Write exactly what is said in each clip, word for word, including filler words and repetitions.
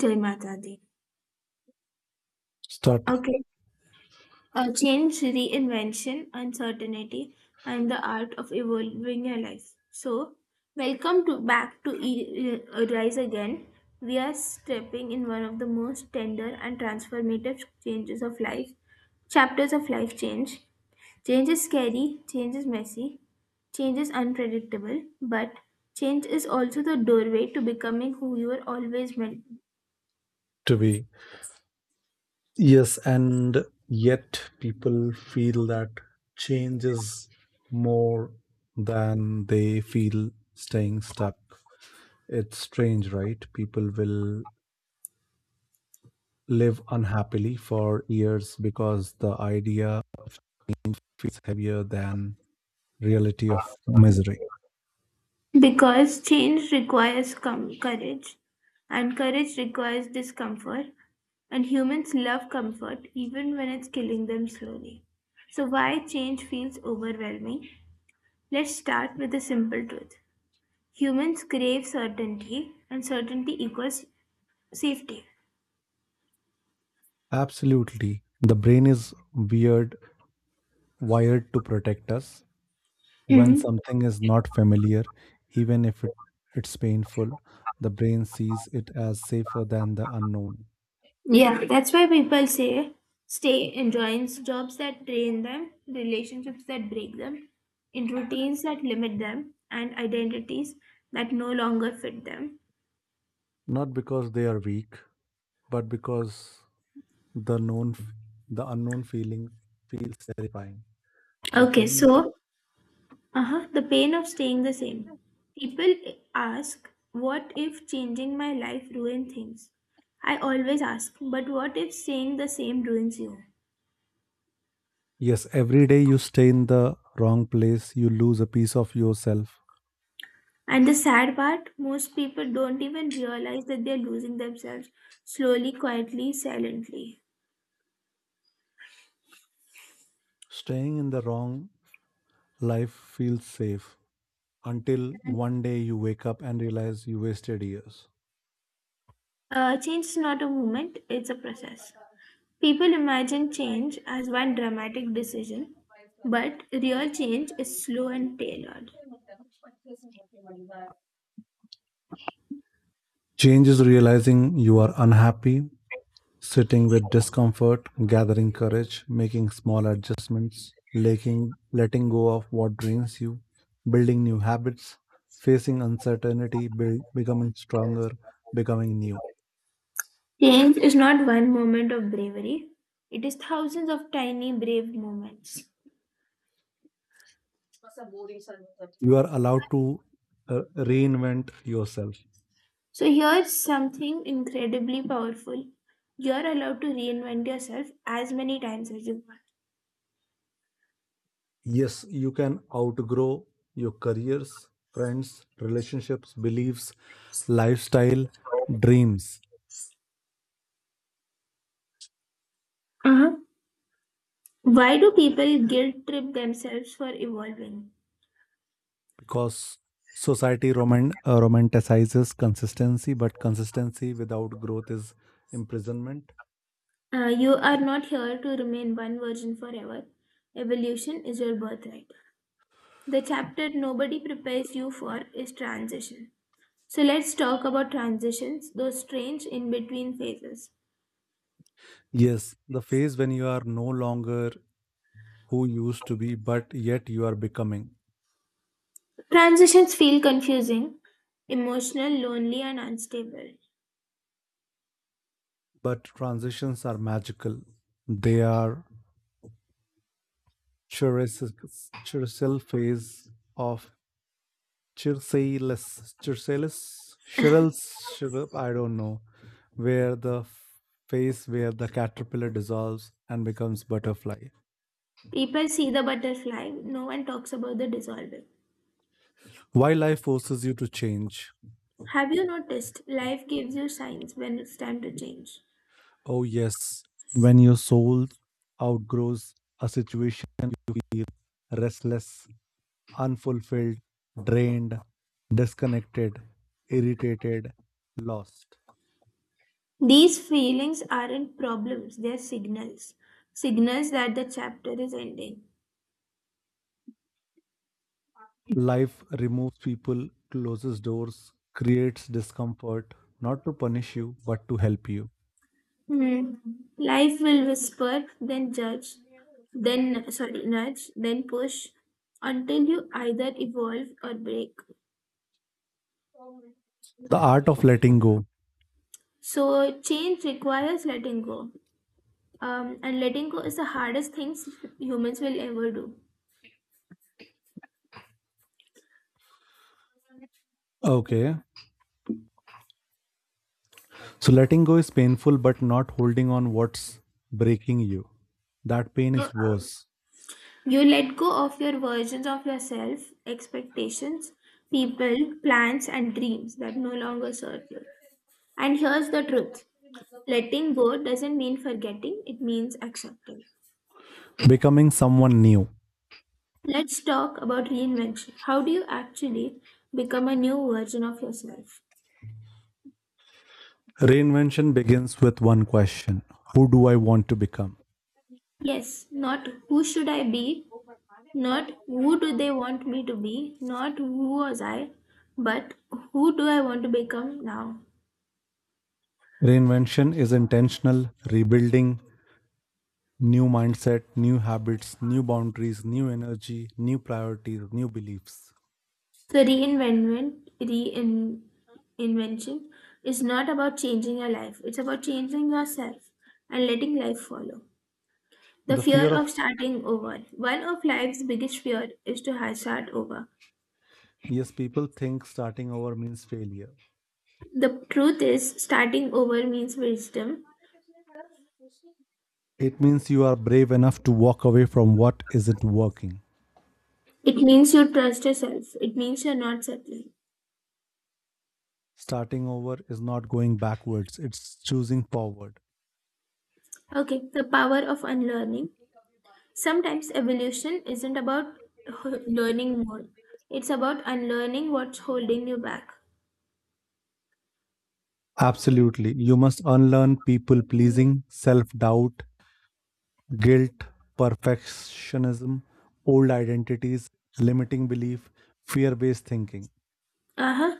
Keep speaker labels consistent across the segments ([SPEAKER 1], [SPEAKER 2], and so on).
[SPEAKER 1] Jai Mata Di.
[SPEAKER 2] Start
[SPEAKER 1] Okay. Uh, change, reinvention, uncertainty, and the art of evolving your life. So, welcome to back to e- uh, Rise Again. We are stepping in one of the most tender and transformative changes of life, chapters of life change. Change is scary, change is messy, change is unpredictable, but change is also the doorway to becoming who you were always meant.
[SPEAKER 2] To be. Yes, and yet people feel that change is more than they feel staying stuck. It's strange, right? People will live unhappily for years because the idea of feels heavier than reality of misery.
[SPEAKER 1] Because change requires com- courage, and courage requires discomfort, and humans love comfort even when it's killing them slowly. So, why change feels overwhelming? Let's start with a simple truth: humans crave certainty, and certainty equals safety.
[SPEAKER 2] Absolutely. The brain is weird wired to protect us. When
[SPEAKER 1] Hmm.
[SPEAKER 2] something is not familiar, even if it, it's painful, the brain sees it as safer than the unknown.
[SPEAKER 1] Yeah, that's why people say stay in joins jobs that drain them, relationships that break them, in routines that limit them, and identities that no longer fit them.
[SPEAKER 2] Not because they are weak, but because the known, f- the unknown feeling feels terrifying. The
[SPEAKER 1] Okay,
[SPEAKER 2] pain of
[SPEAKER 1] so uh-huh, the pain of staying the same. People ask, what if changing my life ruin things? I always ask, but what if staying the same ruins you?
[SPEAKER 2] yes, every day you stay in the wrong place, you lose a piece of yourself.
[SPEAKER 1] And the sad part, most people don't even realize that they're losing themselves slowly, quietly, silently.
[SPEAKER 2] Staying in the wrong life feels safe until one day you wake up and realize you wasted years.
[SPEAKER 1] Uh, change is not a movement, it's a process. People imagine change as one dramatic decision, but real change is slow and tailored.
[SPEAKER 2] Change is realizing you are unhappy. Sitting with discomfort, gathering courage, making small adjustments, letting, letting go of what drains you, building new habits, facing uncertainty, build, becoming stronger, becoming new.
[SPEAKER 1] Change is not one moment of bravery, it is thousands of tiny brave moments.
[SPEAKER 2] You are allowed to uh, reinvent yourself.
[SPEAKER 1] So, here's something incredibly powerful. You're allowed to reinvent yourself as many times as you
[SPEAKER 2] Yes, you can outgrow your careers, friends, relationships, beliefs, lifestyle,
[SPEAKER 1] want.
[SPEAKER 2] dreams.
[SPEAKER 1] Uh-huh. Why do people guilt trip themselves for evolving?
[SPEAKER 2] Because society roman- uh, romanticizes consistency, but consistency without growth is imprisonment.
[SPEAKER 1] Uh, you are not here to remain one virgin forever. Evolution is your birthright. The chapter nobody prepares you for is transition. So let's talk about transitions, those strange in between phases.
[SPEAKER 2] Yes, the phase when you are no longer who you used to be, but yet you are becoming.
[SPEAKER 1] Transitions feel confusing, emotional, lonely, and unstable.
[SPEAKER 2] But transitions are magical. They are chiricil phase of chirsalis, chirsalis, chirils, chiril- I don't know, where the phase where the caterpillar dissolves and becomes butterfly.
[SPEAKER 1] People see the butterfly, no one talks about the dissolving.
[SPEAKER 2] Why life forces you to change.
[SPEAKER 1] Have you noticed life gives you signs when it's time to change?
[SPEAKER 2] Oh, yes, when your soul outgrows a situation, you feel restless, unfulfilled, drained, disconnected, irritated, lost.
[SPEAKER 1] These feelings aren't problems, they're signals. Signals that the chapter is ending.
[SPEAKER 2] Life removes people, closes doors, creates discomfort, not to punish you, but to help you.
[SPEAKER 1] Hmm. Life will whisper, then judge, then sorry, nudge, then push until you either evolve or break.
[SPEAKER 2] The art of letting go.
[SPEAKER 1] So change requires letting go. Um, and letting go is the hardest things humans will ever do.
[SPEAKER 2] Okay. So, letting go is painful, but not holding on what's breaking you. That pain
[SPEAKER 1] So
[SPEAKER 2] is worse.
[SPEAKER 1] you let go of your versions of yourself, expectations, people, plans, and dreams that no longer serve you. And here's the truth: letting go doesn't mean forgetting, it means accepting.
[SPEAKER 2] Becoming someone new.
[SPEAKER 1] Let's talk about reinvention. How do you actually become a new version of yourself?
[SPEAKER 2] Reinvention begins with one question. Who do I want to become?
[SPEAKER 1] Yes, not who should I be, not who do they want me to be, not who was I, but who do I want to become now?
[SPEAKER 2] Reinvention is intentional, rebuilding, new mindset, new habits, new boundaries, new energy, new priorities, new beliefs.
[SPEAKER 1] So reinventment, reinvention is not about changing your life. It's about changing yourself and letting life follow. The
[SPEAKER 2] The fear
[SPEAKER 1] fear
[SPEAKER 2] of
[SPEAKER 1] of starting over. One of life's biggest fear is to ha- start over.
[SPEAKER 2] yes, people think starting over means failure.
[SPEAKER 1] The truth is, starting over means wisdom.
[SPEAKER 2] It means you are brave enough to walk away from what isn't working.
[SPEAKER 1] It means you trust yourself. It means you're not settling.
[SPEAKER 2] Starting over is not going backwards, it's choosing forward.
[SPEAKER 1] Okay, the power of unlearning. Sometimes evolution isn't about h- learning more. It's about unlearning what's holding you back.
[SPEAKER 2] Absolutely. You must unlearn people pleasing, self doubt, guilt, perfectionism, old identities, limiting belief, fear based thinking.
[SPEAKER 1] Uh-huh.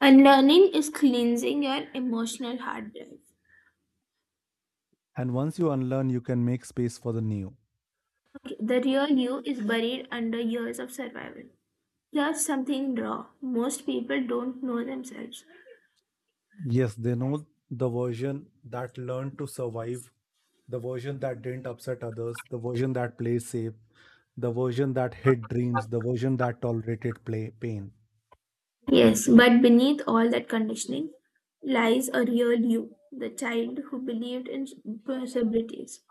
[SPEAKER 1] Unlearning is cleansing your emotional hard drive.
[SPEAKER 2] And once you unlearn, you can make space for the new.
[SPEAKER 1] Okay, the real you is buried under years of survival. That's something raw. Most people don't know themselves.
[SPEAKER 2] Yes, they know the version that learned to survive, the version that didn't upset others, the version that plays safe, the version that hid dreams, the version that tolerated play, pain.
[SPEAKER 1] Yes, but beneath all that conditioning lies a real you, the child who believed in possibilities.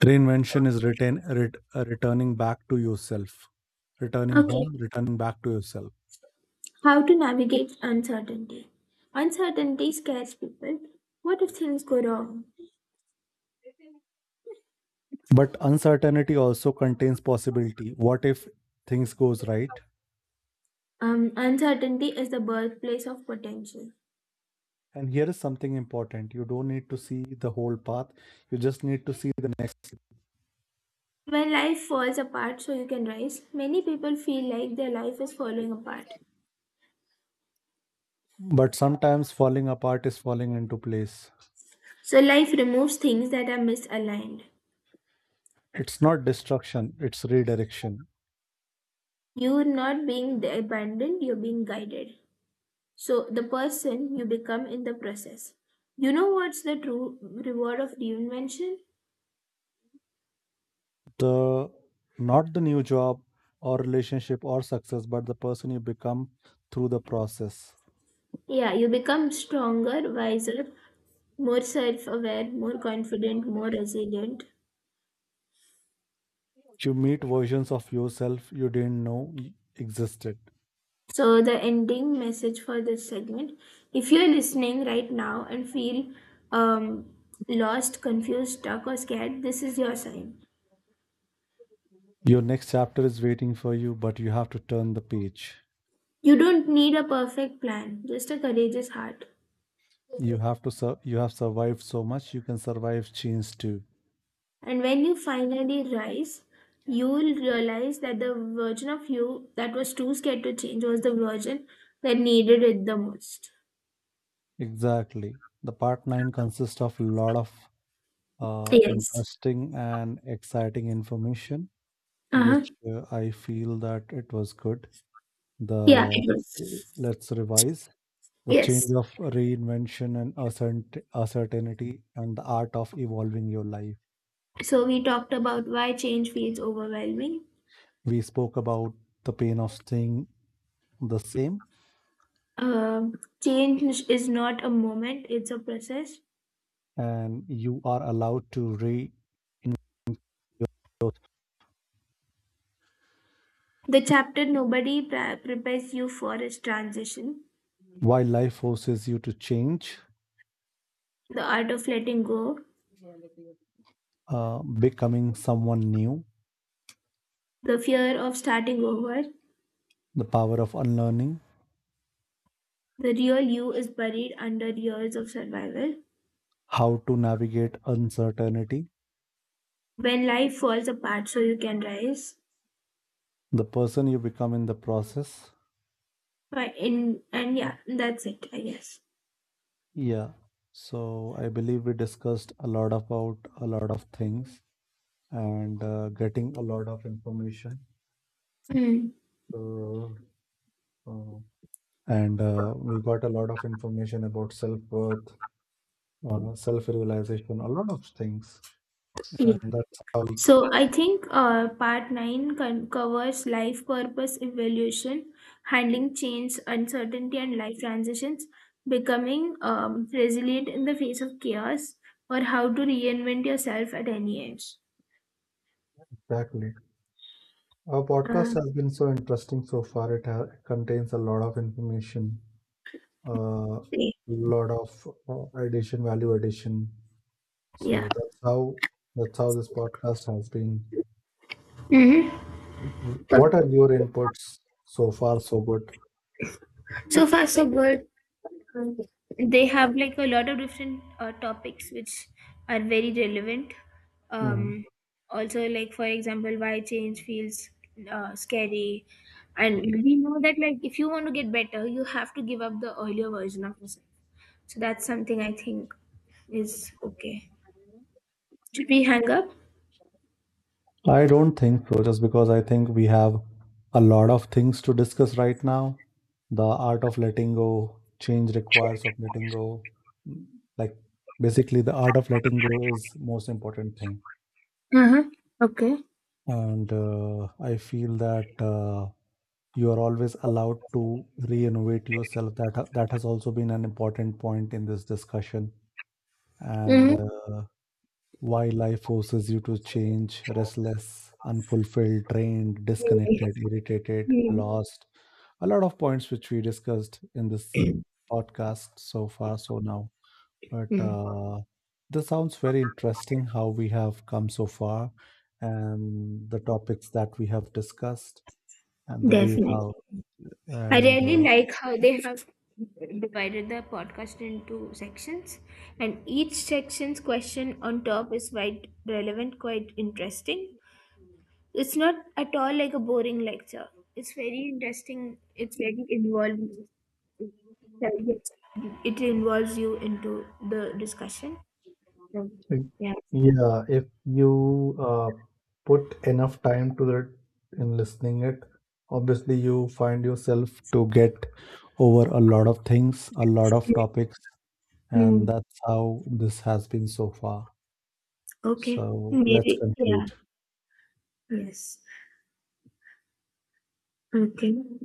[SPEAKER 2] Reinvention is return, ret, uh, returning back to yourself, returning
[SPEAKER 1] Okay,
[SPEAKER 2] home, returning back to yourself.
[SPEAKER 1] how to navigate uncertainty? Uncertainty scares people. What if things go wrong?
[SPEAKER 2] But uncertainty also contains possibility. What if things goes right?
[SPEAKER 1] Um, uncertainty is the birthplace of potential.
[SPEAKER 2] And here is something important. You don't need to see the whole path. You just need to see the next.
[SPEAKER 1] When life falls apart so you can rise, many people feel like their life is falling apart.
[SPEAKER 2] But sometimes falling apart is falling into place.
[SPEAKER 1] So life removes things that are misaligned.
[SPEAKER 2] It's not destruction, it's redirection.
[SPEAKER 1] You're not being abandoned, you're being guided. So, the person you become in the process. You know what's the true reward of reinvention?
[SPEAKER 2] The not the new job or relationship or success, but the person you become through the process.
[SPEAKER 1] Yeah, you become stronger, wiser, more self aware, more confident, more resilient.
[SPEAKER 2] You meet versions of yourself you didn't know existed.
[SPEAKER 1] So, the ending message for this segment: if you're listening right now and feel um, lost, confused, stuck, or scared, this is your sign.
[SPEAKER 2] Your next chapter is waiting for you, but you have to turn the page.
[SPEAKER 1] You don't need a perfect plan, just a courageous heart.
[SPEAKER 2] You have to sur- you have survived so much, you can survive change too.
[SPEAKER 1] And when you finally rise, you will realize that the version of you that was too scared to change was the version that needed it the most.
[SPEAKER 2] Exactly. The part nine consists of a lot of uh,
[SPEAKER 1] Yes.
[SPEAKER 2] interesting and exciting information,
[SPEAKER 1] Uh-huh.
[SPEAKER 2] which uh, I feel that it was good.
[SPEAKER 1] Yeah.
[SPEAKER 2] The
[SPEAKER 1] It was.
[SPEAKER 2] let's revise the change
[SPEAKER 1] Yes.
[SPEAKER 2] of reinvention and uncertain- uncertainty and the art of evolving your life.
[SPEAKER 1] So we talked about why change feels overwhelming.
[SPEAKER 2] We spoke about the pain of staying the same,
[SPEAKER 1] Um, change is not a moment, it's a process.
[SPEAKER 2] and you are allowed to re growth
[SPEAKER 1] The chapter nobody pre- prepares you for is transition,
[SPEAKER 2] while life forces you to change,
[SPEAKER 1] the art of letting go,
[SPEAKER 2] uh, becoming someone new,
[SPEAKER 1] the fear of starting over,
[SPEAKER 2] the power of unlearning,
[SPEAKER 1] the real you is buried under years of survival.
[SPEAKER 2] how to navigate uncertainty,
[SPEAKER 1] When life falls apart, so you can rise.
[SPEAKER 2] the person you become in the process.
[SPEAKER 1] But in and yeah, that's it, I guess.
[SPEAKER 2] Yeah, so I believe we discussed a lot about a lot of things, and uh, getting a lot of information,
[SPEAKER 1] Hmm.
[SPEAKER 2] uh, uh, and uh, we got a lot of information about self-worth, uh, self-realization, a lot of things. And that's how we
[SPEAKER 1] So I think uh, part nine con- covers life purpose, evolution, handling change, uncertainty, and life transitions, becoming um, resilient in the face of chaos, or how to reinvent yourself at any age.
[SPEAKER 2] exactly. Our podcast
[SPEAKER 1] Uh,
[SPEAKER 2] has been so interesting so far. It ha- it contains a lot of information, a uh, lot of uh, addition, value addition.
[SPEAKER 1] yeah.
[SPEAKER 2] So that's how that's how this podcast has been.
[SPEAKER 1] Mm-hmm.
[SPEAKER 2] What are your inputs so far? So good.
[SPEAKER 1] So far, so good. They have like a lot of different uh, topics which are very relevant, um,
[SPEAKER 2] Mm-hmm.
[SPEAKER 1] also like for example why change feels uh, scary, and we know that like if you want to get better you have to give up the earlier version of yourself, so that's something I think is okay. Should we hang up?
[SPEAKER 2] I don't think so, just because I think we have a lot of things to discuss right now. The art of letting go, change requires of letting go. Mm, like basically, the art of letting go is most important thing.
[SPEAKER 1] Uh-huh. Okay.
[SPEAKER 2] And uh, I feel that uh, you are always allowed to re-innovate yourself. That ha- that has also been an important point in this discussion. And uh, why life forces you to change, restless, unfulfilled, drained, disconnected, irritated,
[SPEAKER 1] Mm-hmm.
[SPEAKER 2] lost. A lot of points which we discussed in this podcast so far, so now. But uh, this sounds very interesting how we have come so far, and the topics that we have discussed, and the way
[SPEAKER 1] Definitely.
[SPEAKER 2] how.
[SPEAKER 1] I
[SPEAKER 2] And
[SPEAKER 1] really
[SPEAKER 2] uh,
[SPEAKER 1] like how they have divided the podcast into sections, and each section's question on top is quite relevant, quite interesting. It's not at all like a boring lecture. It's very interesting. It's very involved. It involves you into the discussion. So,
[SPEAKER 2] like,
[SPEAKER 1] yeah.
[SPEAKER 2] yeah, if you uh, put enough time to that in listening it, obviously you find yourself to get over a lot of things, a lot of topics, and
[SPEAKER 1] Mm.
[SPEAKER 2] that's how this has been so far.
[SPEAKER 1] Okay.
[SPEAKER 2] So let's
[SPEAKER 1] Maybe. Yeah.
[SPEAKER 2] conclude.
[SPEAKER 1] Yes. Okay.